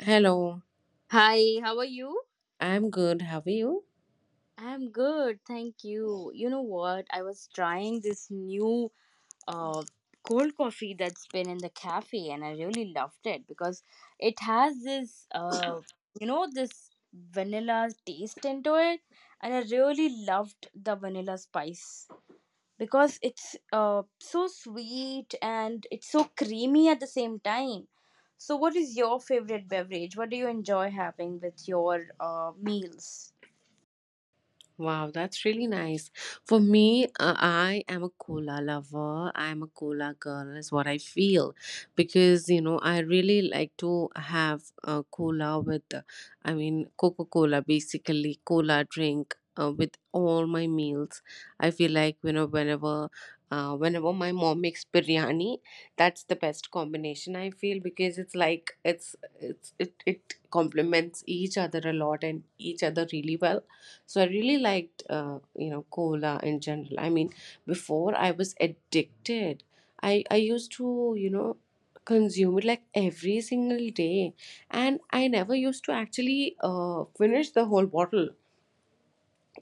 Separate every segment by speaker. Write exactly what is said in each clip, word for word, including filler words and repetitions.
Speaker 1: Hello,
Speaker 2: Hi, how are you?
Speaker 1: I'm good. How are you?
Speaker 2: I'm good, thank you. You know what? I was trying this new uh cold coffee that's been in the cafe, and I really loved it because it has this uh you know this vanilla taste into it, and I really loved the vanilla spice because it's uh so sweet and it's so creamy at the same time. So what is your favorite beverage? What do you enjoy having with your uh meals?
Speaker 1: Wow, that's really nice. For me, uh, I am a cola lover. I am a cola girl, is what I feel. Because, you know, I really like to have a cola with, uh, I mean, Coca Cola, basically, cola drink. Uh, with all my meals, I feel like, you know, whenever, uh, whenever my mom makes biryani, that's the best combination. I feel because it's like it's it's it it complements each other a lot, and each other really well. So I really liked, uh, you know cola in general, I mean, before I was addicted, i i used to, you know consume it like every single day. And I never used to actually uh, finish the whole bottle.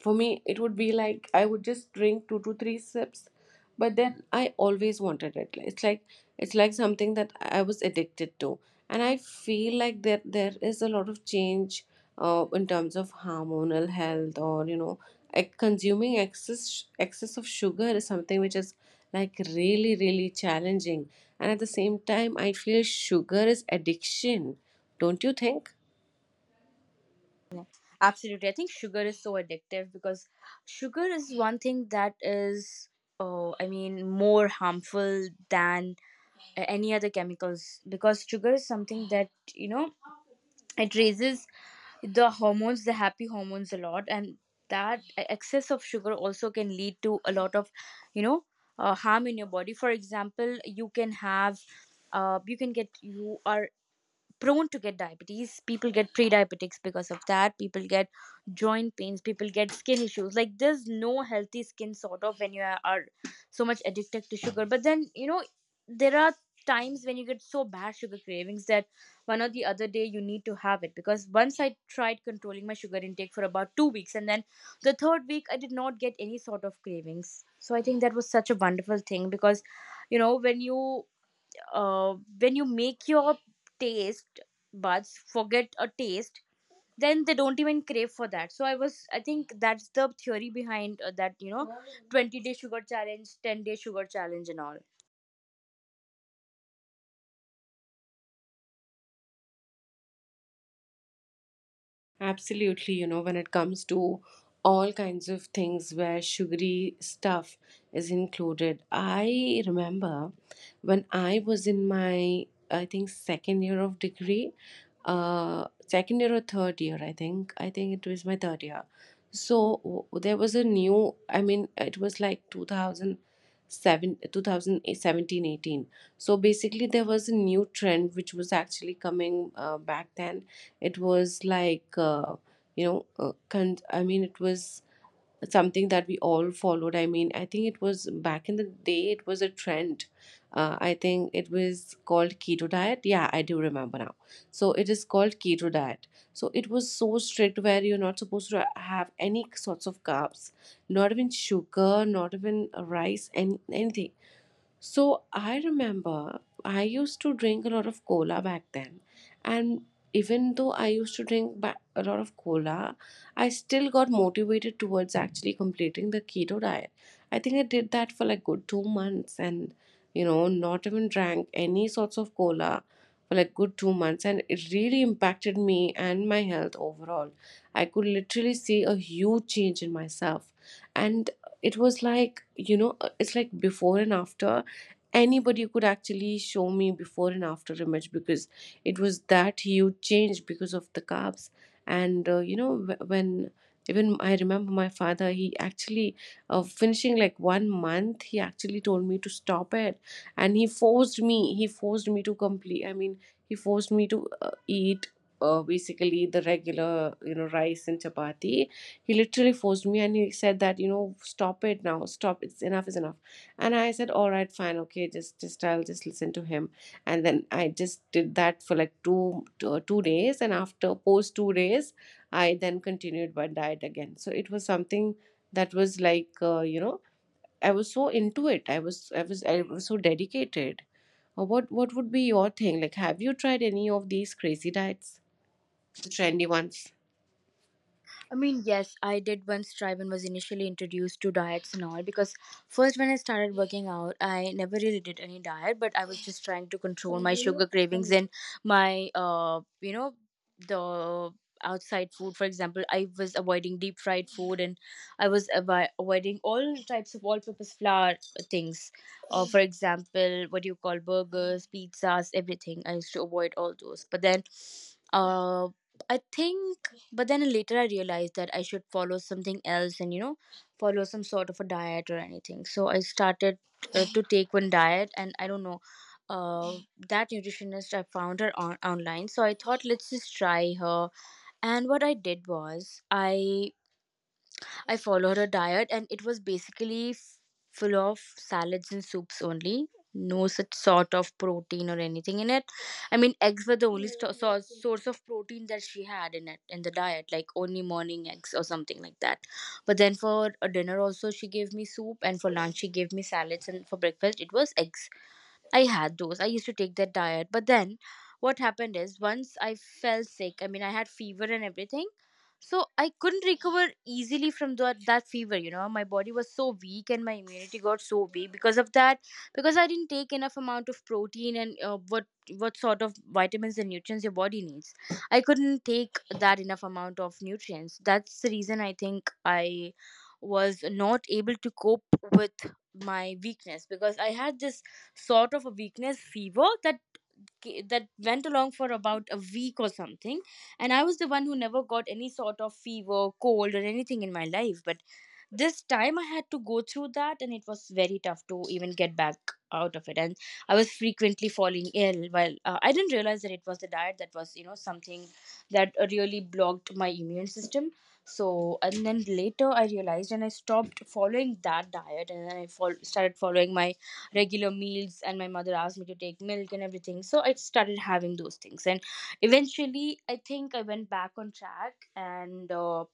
Speaker 1: For me, it would be like I would just drink two to three sips. But then I always wanted it. It's like it's like something that I was addicted to. And I feel like that there is a lot of change, uh, in terms of hormonal health, or, you know ec- consuming excess excess of sugar is something which is like really, really challenging. And at the same time, I feel sugar is addiction. Don't you think?
Speaker 2: Absolutely. I think sugar is so addictive because sugar is one thing that is, oh, I mean, more harmful than a- any other chemicals, because sugar is something that, you know, it raises the hormones, the happy hormones a lot, and that e, excess of sugar also can lead to a lot of, you know, uh, harm in your body. For example, you can have, uh, you can get, you are prone to get diabetes. People get pre-diabetics because of that. People get joint pains, people get skin issues, like there's no healthy skin sort of when you are are so much addicted to sugar. But then, you know, there are times when you get so bad sugar cravings that one or the other day you need to have it. Because once I tried controlling my sugar intake for about two weeks, and then the third week I did not get any sort of cravings. So I think that was such a wonderful thing, because, you know, when you uh, when you make your taste buds forget a taste, then they don't even crave for that. So I was, I think that's the theory behind uh, that, you know, twenty day sugar challenge, ten day sugar challenge and all.
Speaker 1: Absolutely, you know, when it comes to all kinds of things where sugary stuff is included. I remember when I was in my, I think, second year of degree, uh, second year or third year, I think. I think it was my third year. So w- there was a new, I mean, it was like two thousand seven, two thousand seventeen, eighteen. So basically, there was a new trend which was actually coming, uh, back then, it was like, uh, you know, uh, con- I mean, it was something that we all followed. I mean, I think it was back in the day, it was a trend. Uh, I think it was called keto diet. Yeah, I do remember now. So it is called keto diet. So it was so strict where you're not supposed to have any sorts of carbs, not even sugar, not even rice, any, anything. So I remember I used to drink a lot of cola back then. And even though I used to drink ba- a lot of cola, I still got motivated towards actually completing the keto diet. I think I did that for like good two months, and, you know, not even drank any sorts of cola for like good two months. And it really impacted me and my health overall. I could literally see a huge change in myself. And it was like you know uh, it's like before and after. Anybody could actually show me before and after image because it was that huge change because of the carbs. And, uh, you know wh- when even I remember my father, he actually uh, finishing like one month, he actually told me to stop it. And he forced me he forced me to complete, I mean, he forced me to uh, eat, uh, basically the regular, you know, rice and chapati. He literally forced me, and he said that, you know, stop it now. Stop. It's Enough is enough. And I said, all right, fine, okay, just just I'll just listen to him. And then I just did that for like two two, uh, two days. And after post two days, I then continued my diet again. So it was something that was like uh, you know I was so into it. I was I was I was so dedicated. Uh, What what would be your thing? Like, have you tried any of these crazy diets, the trendy ones?
Speaker 2: I mean, yes, I did once try when was initially introduced to diets and all. Because first when I started working out, I never really did any diet, but I was just trying to control my sugar cravings and my uh, you know, the outside food. For example, I was avoiding deep fried food, and I was avo- avoiding all types of all-purpose flour things. Uh, for example, what do you call, burgers, pizzas, everything. I used to avoid all those, but then. Uh, I think But then later I realized that I should follow something else, and, you know, follow some sort of a diet or anything. So I started uh, to take one diet, and I don't know, uh, that nutritionist, I found her on- online, so I thought let's just try her. And what I did was i I followed a diet, and it was basically f- full of salads and soups only. No such sort of protein or anything in it. I mean, eggs were the only sto- so- source of protein that she had in it in the diet, like only morning eggs or something like that. But then for a dinner also, she gave me soup, and for lunch she gave me salads, and for breakfast it was eggs. I had those. I used to take that diet. But then what happened is once I fell sick. I mean, I had fever and everything. So I couldn't recover easily from that, that fever, you know. My body was so weak, and my immunity got so weak because of that. Because I didn't take enough amount of protein, and uh, what what sort of vitamins and nutrients your body needs, I couldn't take that enough amount of nutrients. That's the reason I think I was not able to cope with my weakness, because I had this sort of a weakness fever that ca- that went along for about a week or something. And I was the one who never got any sort of fever, cold or anything in my life, but this time I had to go through that, and it was very tough to even get back out of it. And I was frequently falling ill, while uh, I didn't realize that it was the diet that was, you know, something that really blocked my immune system. So, and then later I realized, and I stopped following that diet, and then I fol- started following my regular meals. And my mother asked me to take milk and everything, so I started having those things. And eventually, I think I went back on track, and uh,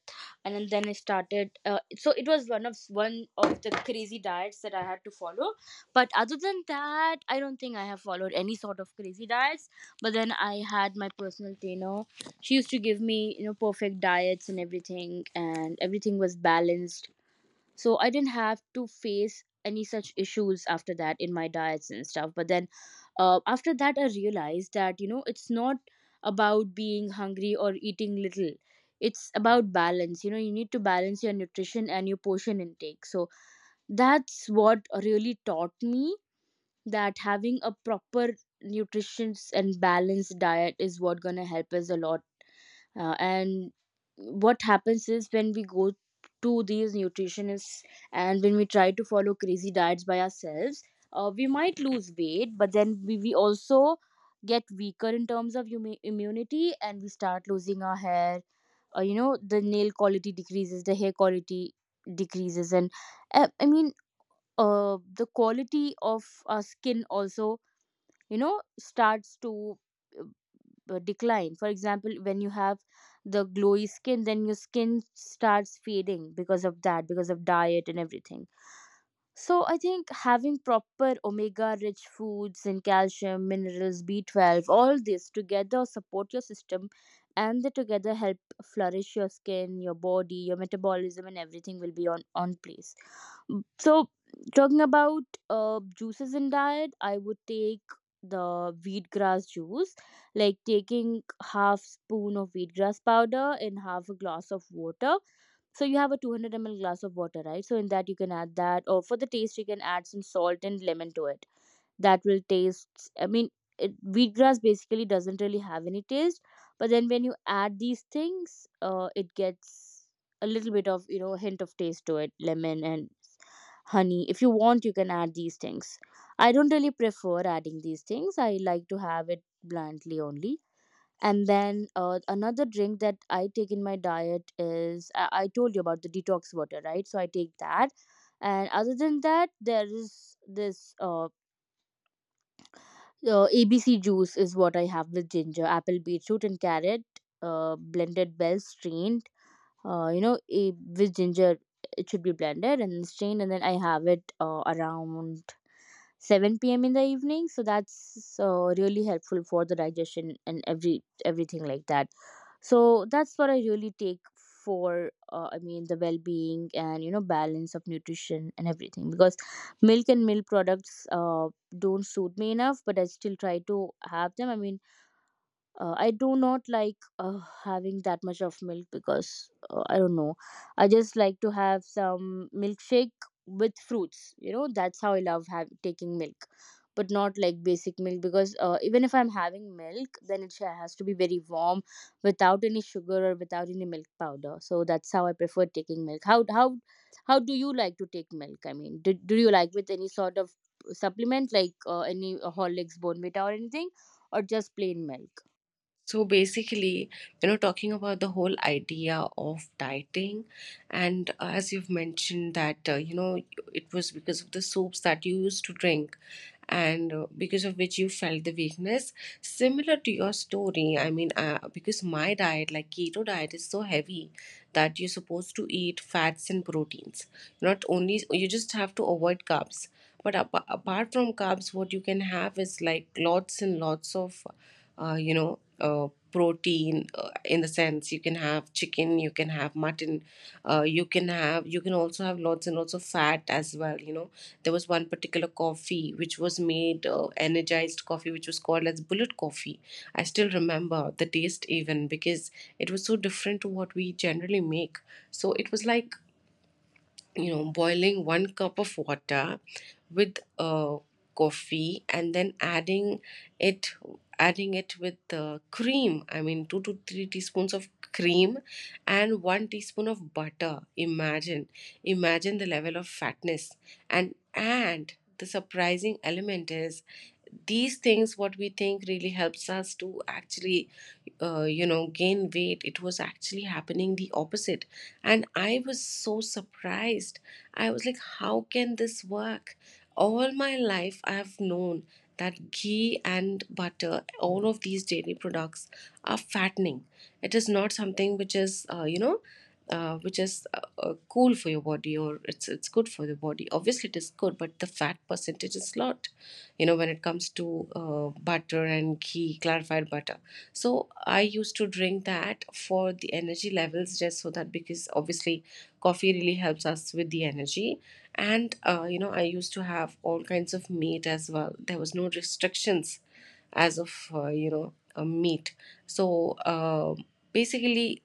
Speaker 2: and then I started uh, so it was one of one of the crazy diets that I had to follow. But other than that, I don't think I have followed any sort of crazy diets. But then I had my personal trainer, she used to give me, you know, perfect diets and everything, and everything was balanced. So I didn't have to face any such issues after that in my diets and stuff. But then uh, after that I realized that, you know, it's not about being hungry or eating little, it's about balance. You know, you need to balance your nutrition and your portion intake. So that's what really taught me that having a proper nutritious and balanced diet is what gonna help us a lot. Uh, and what happens is when we go to these nutritionists, and when we try to follow crazy diets by ourselves, uh, we might lose weight, but then we, we also get weaker in terms of humi- immunity, and we start losing our hair. Uh, you know, the nail quality decreases, the hair quality decreases, and uh, i mean uh, the quality of our skin also, you know, starts to uh, uh, decline. For example, when you have the glowy skin, then your skin starts fading because of that, because of diet and everything. So I think having proper omega rich foods, and calcium, minerals, B twelve, all this together support your system, and they together help flourish your skin, your body, your metabolism, and everything will be on on place. So talking about uh, juices in diet, I would take the wheatgrass juice, like taking half spoon of wheatgrass powder in half a glass of water. So you have a two hundred m l glass of water, right? So in that you can add that, or for the taste you can add some salt and lemon to it. That will taste. I mean, it, wheatgrass basically doesn't really have any taste, but then when you add these things, uh, it gets a little bit of, you know, hint of taste to it. Lemon and honey, if you want you can add these things. I don't really prefer adding these things, I like to have it bluntly only. And then uh, another drink that I take in my diet is I-, I told you about the detox water, right, so I take that. And other than that, there is this uh, uh, abc juice is what I have, with ginger, apple, beetroot and carrot, uh, blended well, strained, uh, you know a- with ginger, it should be blended and strained, and then I have it uh, around seven p m in the evening. So that's uh, really helpful for the digestion and every everything like that. So that's what I really take for, uh, I mean, the well-being, and, you know, balance of nutrition and everything. Because milk and milk products uh, don't suit me enough, but I still try to have them. I mean, uh, I do not like uh, having that much of milk, because, uh, I don't know, I just like to have some milkshake with fruits, you know, that's how I love have, taking milk. But not like basic milk, because, uh, even if I'm having milk, then it sha- has to be very warm, without any sugar or without any milk powder. So that's how I prefer taking milk. How how how do you like to take milk? I mean, do, do you like with any sort of supplement, like uh, any uh, horlicks, bonvita or anything, or just plain milk?
Speaker 1: So basically, you know, talking about the whole idea of dieting, and, uh, as you've mentioned that, uh, you know, it was because of the soups that you used to drink, and uh, because of which you felt the weakness. Similar to your story, I mean, uh, because my diet, like keto diet, is so heavy that you're supposed to eat fats and proteins. Not only, you just have to avoid carbs. But apa apart from carbs, what you can have is like lots and lots of, uh, you know, uh, protein, uh, in the sense you can have chicken, you can have mutton, uh, you can have, you can also have lots and lots of fat as well. You know, there was one particular coffee which was made, uh, energized coffee, which was called as bullet coffee. I still remember the taste even because it was so different to what we generally make. So it was like you know boiling one cup of water with, uh, coffee, and then adding it adding it with the cream, I mean, two to three teaspoons of cream, and one teaspoon of butter. Imagine, imagine the level of fatness. And and the surprising element is, these things what we think really helps us to actually, uh, you know gain weight, it was actually happening the opposite. And I was so surprised. I was like, how can this work? All my life, I've known that ghee and butter, all of these dairy products, are fattening. It is not something which is, uh, you know, uh, which is, uh, uh, cool for your body, or it's it's good for the body. Obviously, it is good, but the fat percentage is lot, you know when it comes to, uh, butter and ghee, clarified butter. So I used to drink that for the energy levels, just so that, because obviously coffee really helps us with the energy. And, uh, you know I used to have all kinds of meat as well. There was no restrictions as of, uh, you know a meat. So, uh, basically,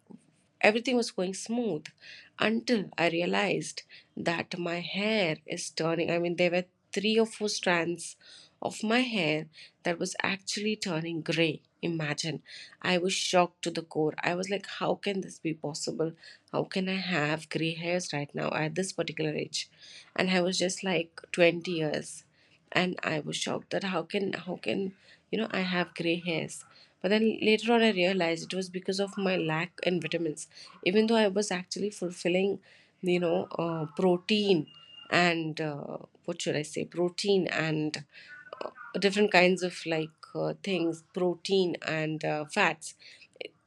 Speaker 1: everything was going smooth until I realized that my hair is turning. I mean, there were three or four strands of my hair that was actually turning gray. Imagine. I was shocked to the core. I was like, how can this be possible? How can I have gray hairs right now at this particular age? And I was just like twenty years. And I was shocked that how can how can, you know I have gray hairs. But then later on I realized it was because of my lack in vitamins, even though I was actually fulfilling, you know uh, protein, and, uh, what should I say, protein, and, uh, different kinds of like, uh, things, protein, and, uh, fats,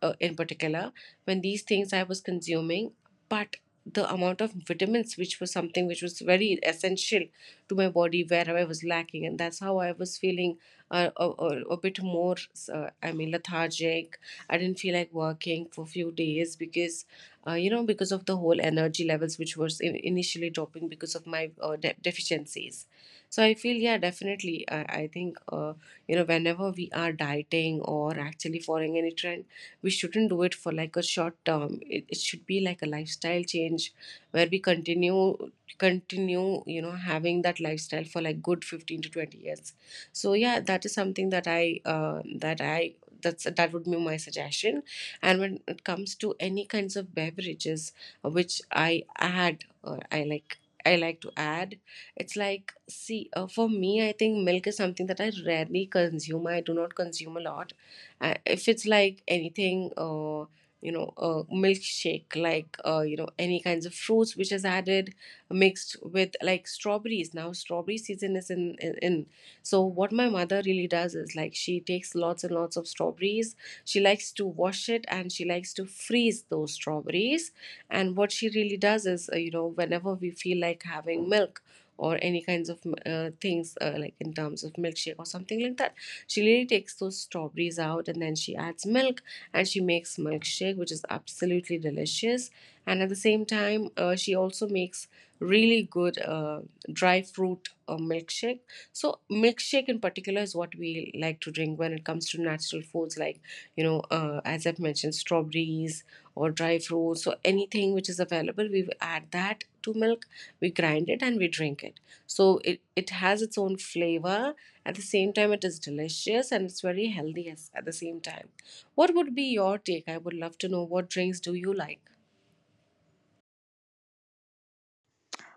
Speaker 1: uh, in particular. When these things I was consuming, but the amount of vitamins, which was something which was very essential to my body, where I was lacking, and that's how I was feeling, uh, a, a, a bit more. Uh, I mean, lethargic. I didn't feel like working for a few days because, uh, you know, because of the whole energy levels which was in, initially dropping because of my uh, de- deficiencies. So I feel, yeah, definitely. I, I think, uh, you know, whenever we are dieting or actually following any trend, we shouldn't do it for like a short term. It, it should be like a lifestyle change where we continue continue, you know having that lifestyle for like good fifteen to twenty years. So yeah, that is something that i uh, that I that's that would be my suggestion. And when it comes to any kinds of beverages, uh, which I add, or i like I like to add. It's like, see, uh, for me, I think milk is something that I rarely consume. I do not consume a lot. Uh, if it's like anything, uh, you know, a milkshake, like, uh, you know, any kinds of fruits which is added, mixed with like strawberries. Now strawberry season is in, in in. So what my mother really does is, like, she takes lots and lots of strawberries. She likes to wash it, and she likes to freeze those strawberries. And what she really does is, uh, you know whenever we feel like having milk or any kinds of, uh, things, uh, like in terms of milkshake or something like that, she really takes those strawberries out, and then she adds milk, and she makes milkshake which is absolutely delicious. And at the same time, uh, she also makes really good, uh, dry fruit, uh, milkshake. So milkshake in particular is what we like to drink when it comes to natural foods like, you know uh, as I've mentioned, strawberries or dry fruits. So anything which is available, we add that to milk, we grind it, and we drink it. So it, it has its own flavor. At the same time, it is delicious, and it's very healthy, as, at the same time. What would be your take? I would love to know, what drinks do you like?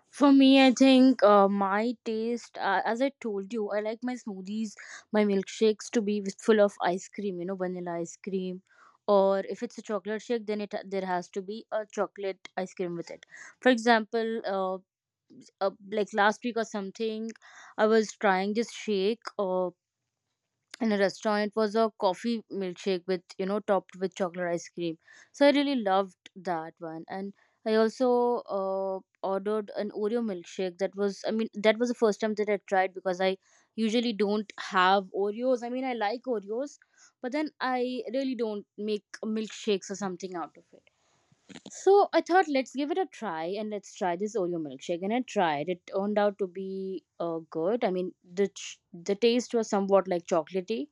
Speaker 2: For me, I think uh, my taste, uh, as I told you, I like my smoothies, my milkshakes to be with, full of ice cream, you know, vanilla ice cream. Or if it's a chocolate shake, then it there has to be a chocolate ice cream with it. For example, uh, uh, like last week or something, I was trying this shake. Uh, in a restaurant, it was a coffee milkshake with, you know, topped with chocolate ice cream, so I really loved that one. And I also uh, ordered an Oreo milkshake. That was, I mean, that was the first time that I tried, because I usually don't have Oreos. I mean, I like Oreos, but then I really don't make milkshakes or something out of it. So I thought, let's give it a try and let's try this Oreo milkshake, and I tried It turned out to be uh, good. I mean, the ch- the taste was somewhat like chocolatey,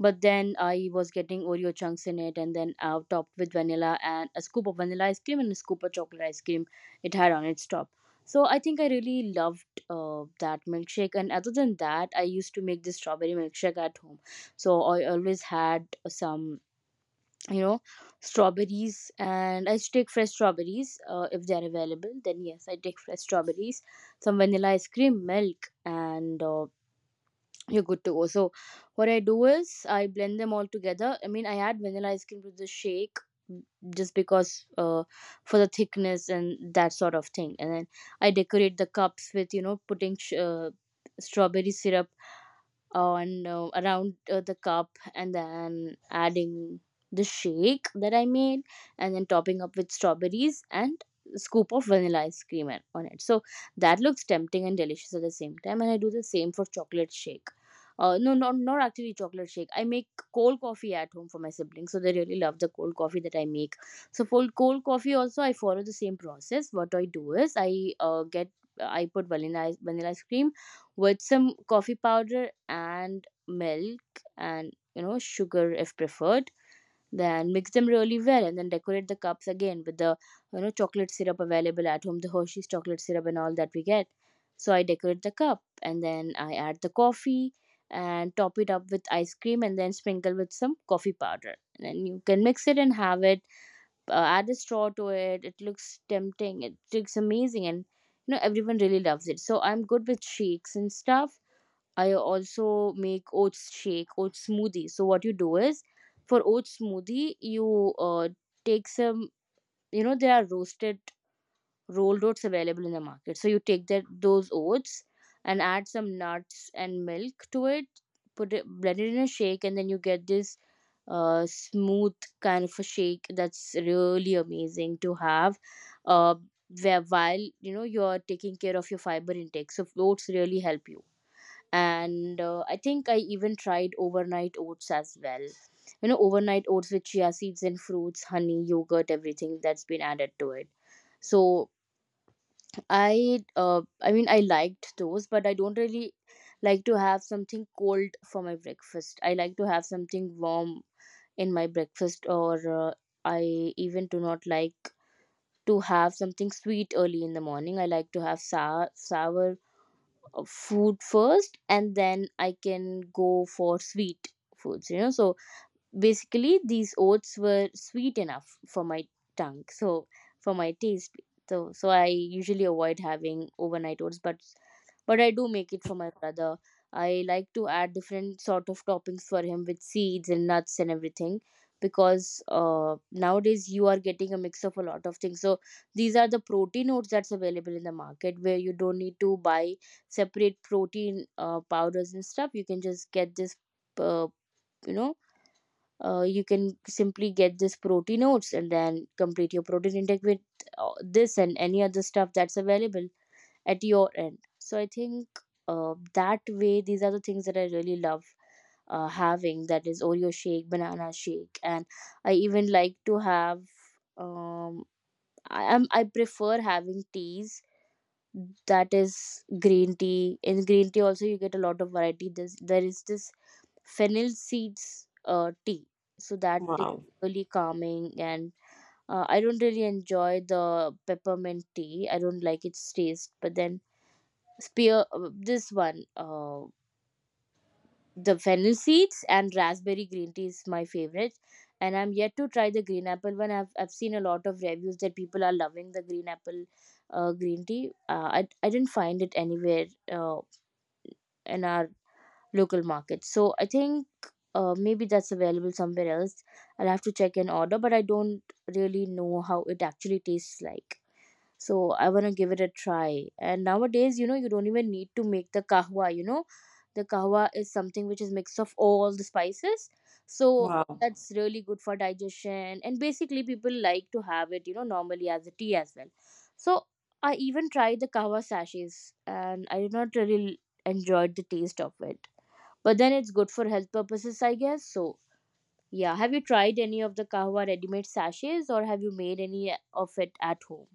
Speaker 2: but then I was getting Oreo chunks in it, and then uh, topped with vanilla and a scoop of vanilla ice cream and a scoop of chocolate ice cream it had on its top. So I think I really loved uh, that milkshake. And other than that, I used to make this strawberry milkshake at home. So I always had some, you know, strawberries, and I used to take fresh strawberries uh, if they are available. Then yes, I take fresh strawberries, some vanilla ice cream, milk, and uh, you're good to go. So what I do is I blend them all together. I mean, I add vanilla ice cream to the shake mm, just because uh, for the thickness and that sort of thing. And then I decorate the cups with, you know, putting sh- uh, strawberry syrup on, uh, around, uh, the cup, and then adding the shake that I made, and then topping up with strawberries and scoop of vanilla ice cream a- on it. So that looks tempting and delicious at the same time, and I do the same for chocolate shake. Uh, no, not not actually chocolate shake. I make cold coffee at home for my siblings, so they really love the cold coffee that I make. So for cold coffee also, I follow the same process. What I do is I uh, get I put vanilla ice, vanilla ice cream with some coffee powder and milk and, you know, sugar if preferred, then mix them really well, and then decorate the cups again with the, you know, chocolate syrup available at home, the Hershey's chocolate syrup and all that we get. So I decorate the cup and then I add the coffee and top it up with ice cream and then sprinkle with some coffee powder, and then you can mix it and have it. Uh, add a straw to it. It looks tempting, it looks amazing, and you know, everyone really loves it. So I'm good with shakes and stuff. I also make oats shake, oats smoothie. So what you do is, for oats smoothie, you uh, take some. You know, there are roasted rolled oats available in the market. So you take that, those oats, and add some nuts and milk to it, put it blend it in a shake, and then you get this uh, smooth kind of a shake that's really amazing to have. Uh, where, while, you know, you're taking care of your fiber intake, so oats really help you. And uh, I think I even tried overnight oats as well. You know, overnight oats with chia seeds and fruits, honey, yogurt, everything that's been added to it. So I uh, I mean, I liked those, but I don't really like to have something cold for my breakfast. I like to have something warm in my breakfast, or uh, I even do not like to have something sweet early in the morning. I like to have sour sour uh, food first, and then I can go for sweet foods. You know, so basically these oats were sweet enough for my tongue, so for my taste. So so I usually avoid having overnight oats, but but I do make it for my brother. I like to add different sort of toppings for him, with seeds and nuts and everything, because uh, nowadays you are getting a mix of a lot of things. So these are the protein oats that's available in the market, where you don't need to buy separate protein uh, powders and stuff. You can just get this, uh, you know uh, you can simply get this protein oats and then complete your protein intake with uh, this and any other stuff that's available at your end. So I think uh, that way, these are the things that I really love uh, having. That is Oreo shake, banana shake, and I even like to have. Um, I am I prefer having teas, that is green tea. In green tea also you get a lot of variety. There's there is this fennel seeds uh, tea. So that is
Speaker 1: Wow.
Speaker 2: really calming. And uh, I don't really enjoy the peppermint tea. I don't like its taste. But then spear uh, this one, uh, the fennel seeds and raspberry green tea is my favorite. And I'm yet to try the green apple one. I've I've seen a lot of reviews that people are loving the green apple uh, green tea. Uh, I I didn't find it anywhere uh, in our local markets. So I think uh, maybe that's available somewhere else. I'll have to check and order, but I don't really know how it actually tastes like. So I want to give it a try. And nowadays, you know, you don't even need to make the kahwa, you know. The kahwa is something which is mix of all the spices. So
Speaker 1: Wow.
Speaker 2: that's really good for digestion. And basically people like to have it, you know, normally as a tea as well. So I even tried the kahwa sachets and I did not really enjoyed the taste of it. But then it's good for health purposes, I guess. So, yeah. Have you tried any of the kahwa ready-made sachets, or have you made any of it at home?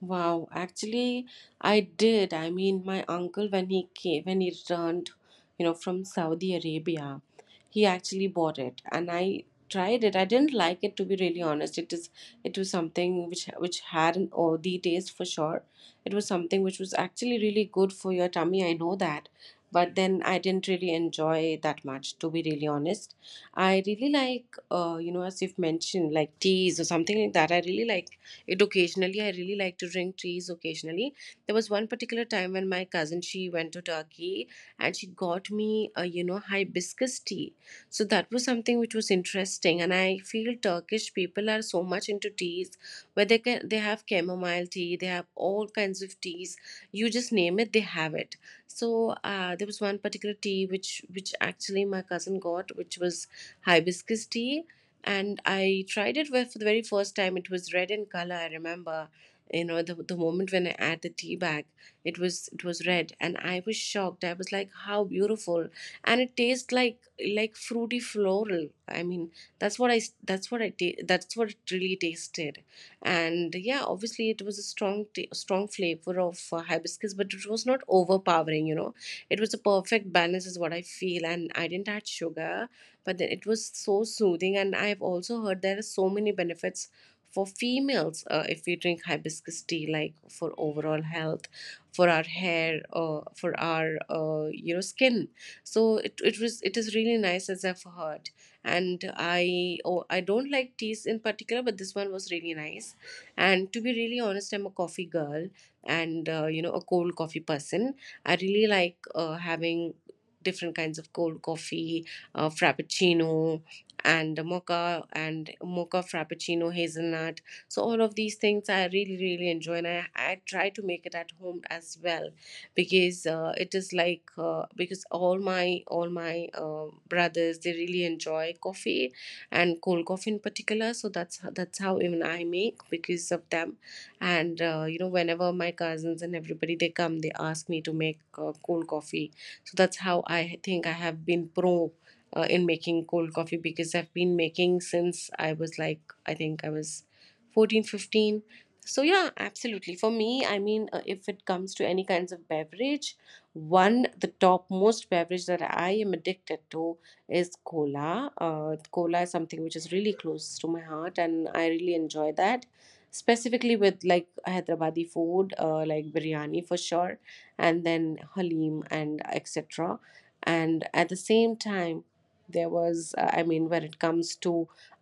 Speaker 1: Wow, actually, I did. I mean, my uncle when he came, when he returned, you know, from Saudi Arabia, he actually bought it, and I tried it. I didn't like it to be really honest. It is, it was something which which had an earthy taste for sure. It was something which was actually really good for your tummy. I know that, but then I didn't really enjoy that much to be really honest. I really like, uh, you know, as you've mentioned, like teas or something like that. I really like it occasionally. I really like to drink teas occasionally. There was one particular time when my cousin she went to Turkey and she got me a you know hibiscus tea. So that was something which was interesting, and I feel Turkish people are so much into teas where they can they have chamomile tea, they have all kinds of teas. You just name it, they have it. So uh, there was one particular tea which which actually my cousin got, which was hibiscus tea, and I tried it where for the very first time. It was red in color. I remember, you know, the the moment when I add the tea bag, it was it was red, and I was shocked. I was like, "How beautiful!" And it tastes like like fruity floral. I mean, that's what I s- that's what I ta- that's what it really tasted. And yeah, obviously, it was a strong ta- strong flavor of uh, hibiscus, but it was not overpowering. You know, it was a perfect balance, is what I feel. And I didn't add sugar, but then it was so soothing, and I've also heard there are so many benefits for females, uh, if we drink hibiscus tea, like for overall health, for our hair, uh, for our, uh, you know, skin. so it, it was it is really nice, as I've heard. and i oh, I don't like teas in particular, but this one was really nice. And to be really honest, I'm a coffee girl, and uh, you know, a cold coffee person. I really like, uh, having different kinds of cold coffee, uh, frappuccino, and a mocha and mocha frappuccino hazelnut. So all of these things I really really enjoy, and i, I try to make it at home as well, because uh, it is like uh, because all my all my uh, brothers they really enjoy coffee and cold coffee in particular. So that's ho- that's how even I make, because of them. And uh, you know, whenever my cousins and everybody they come, they ask me to make, uh, cold coffee. So that's how, I think, I have been pro, uh, in making cold coffee, because I've been making since I was like, I think I was fourteen fifteen. So, yeah, absolutely. For me, I mean, uh, if it comes to any kinds of beverage, one, the top most beverage that I am addicted to is cola. Uh, cola is something which is really close to my heart, and I really enjoy that. Specifically with like Hyderabadi food, uh, like biryani for sure, and then halim and et cetera. And at the same time, there was uh, I mean, when it comes to,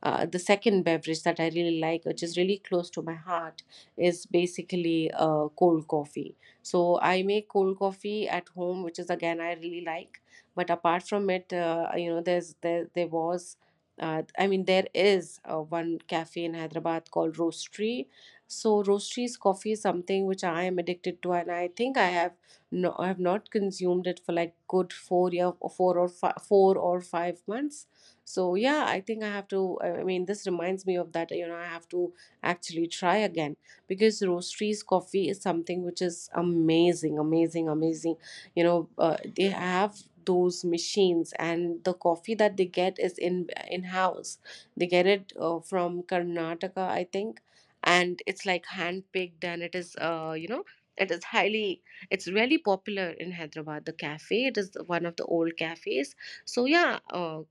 Speaker 1: uh, the second beverage that I really like, which is really close to my heart, is basically, uh, cold coffee. So I make cold coffee at home, which is again I really like. But apart from it, uh, you know, there's there there was, uh, I mean, there is, uh, one cafe in Hyderabad called Roastery. So, Roastery's coffee is something which I am addicted to, and I think I have, no, I have not consumed it for like good four year or four or fi- four or five months. So yeah, I think I have to. I I mean, this reminds me of that. You know, I have to actually try again, because roasteries coffee is something which is amazing, amazing, amazing. You know, uh, they have those machines, and the coffee that they get is in, in house. They get it, uh, from Karnataka, I think, and it's like hand picked, and it is, uh, you know it is highly, it's really popular in Hyderabad. The cafe, it is one of the old cafes. So yeah, uh,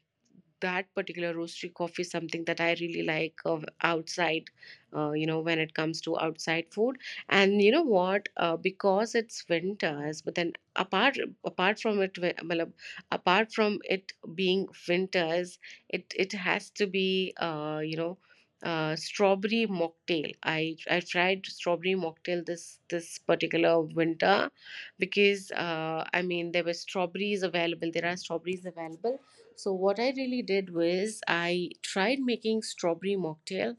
Speaker 1: that particular roastery coffee is something that I really like of outside, uh, you know, when it comes to outside food. And you know what? Uh, because it's winters, but then apart apart from it, wi- matlab, apart from it being winters, it it has to be, uh, you know. Uh, strawberry mocktail. I I tried strawberry mocktail this this particular winter, because uh, I mean, there were strawberries available. there are strawberries available. So what I really did was I tried making strawberry mocktail,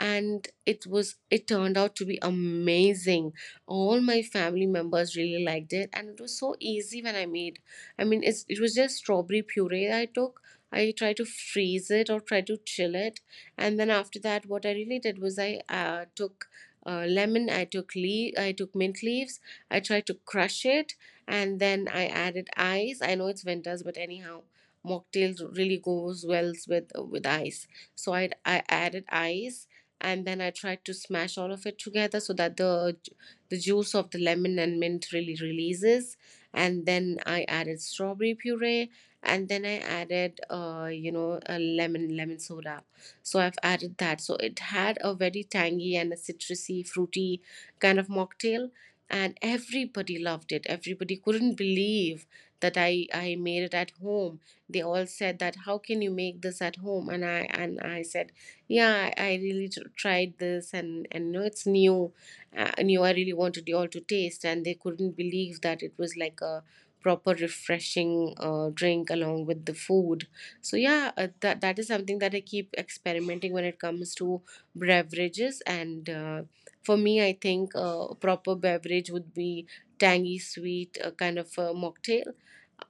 Speaker 1: and it was it turned out to be amazing. All my family members really liked it, and it was so easy when I made. I mean, it's, it was just strawberry puree I took. I tried to freeze it or try to chill it, and then after that, what I really did was I, uh, took, uh, lemon, I took leaf, I took mint leaves. I tried to crush it, and then I added ice. I know it's winters, but anyhow, mocktail really goes well with with ice. So I I added ice, and then I tried to smash all of it together, so that the ju- the juice of the lemon and mint really releases. And then I added strawberry puree, and then I added, uh, you know a lemon lemon soda. So I've added that. So it had a very tangy and a citrusy, fruity kind of mocktail, and everybody loved it. Everybody couldn't believe that i i made it at home. They all said that, how can you make this at home? And i and i said, yeah, i, I really tr- tried this. And and no, it's new, uh, new, I really wanted you all to taste. And they couldn't believe that it was like a proper refreshing, uh, drink along with the food. So yeah, uh, that that is something that I keep experimenting when it comes to beverages. And uh, for me, I think, uh, a proper beverage would be tangy, sweet, uh, kind of a mocktail.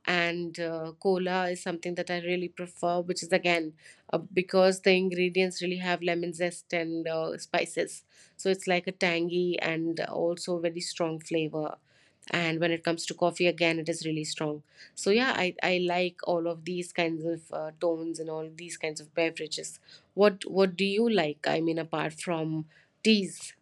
Speaker 1: And uh, cola is something that I really prefer, which is again, uh, because the ingredients really have lemon zest and, uh, spices. So it's like a tangy and also very strong flavor. And when it comes to coffee, again, it is really strong. So yeah, I, I like all of these kinds of, uh, tones and all these kinds of beverages. What what do you like? I mean, apart from teas.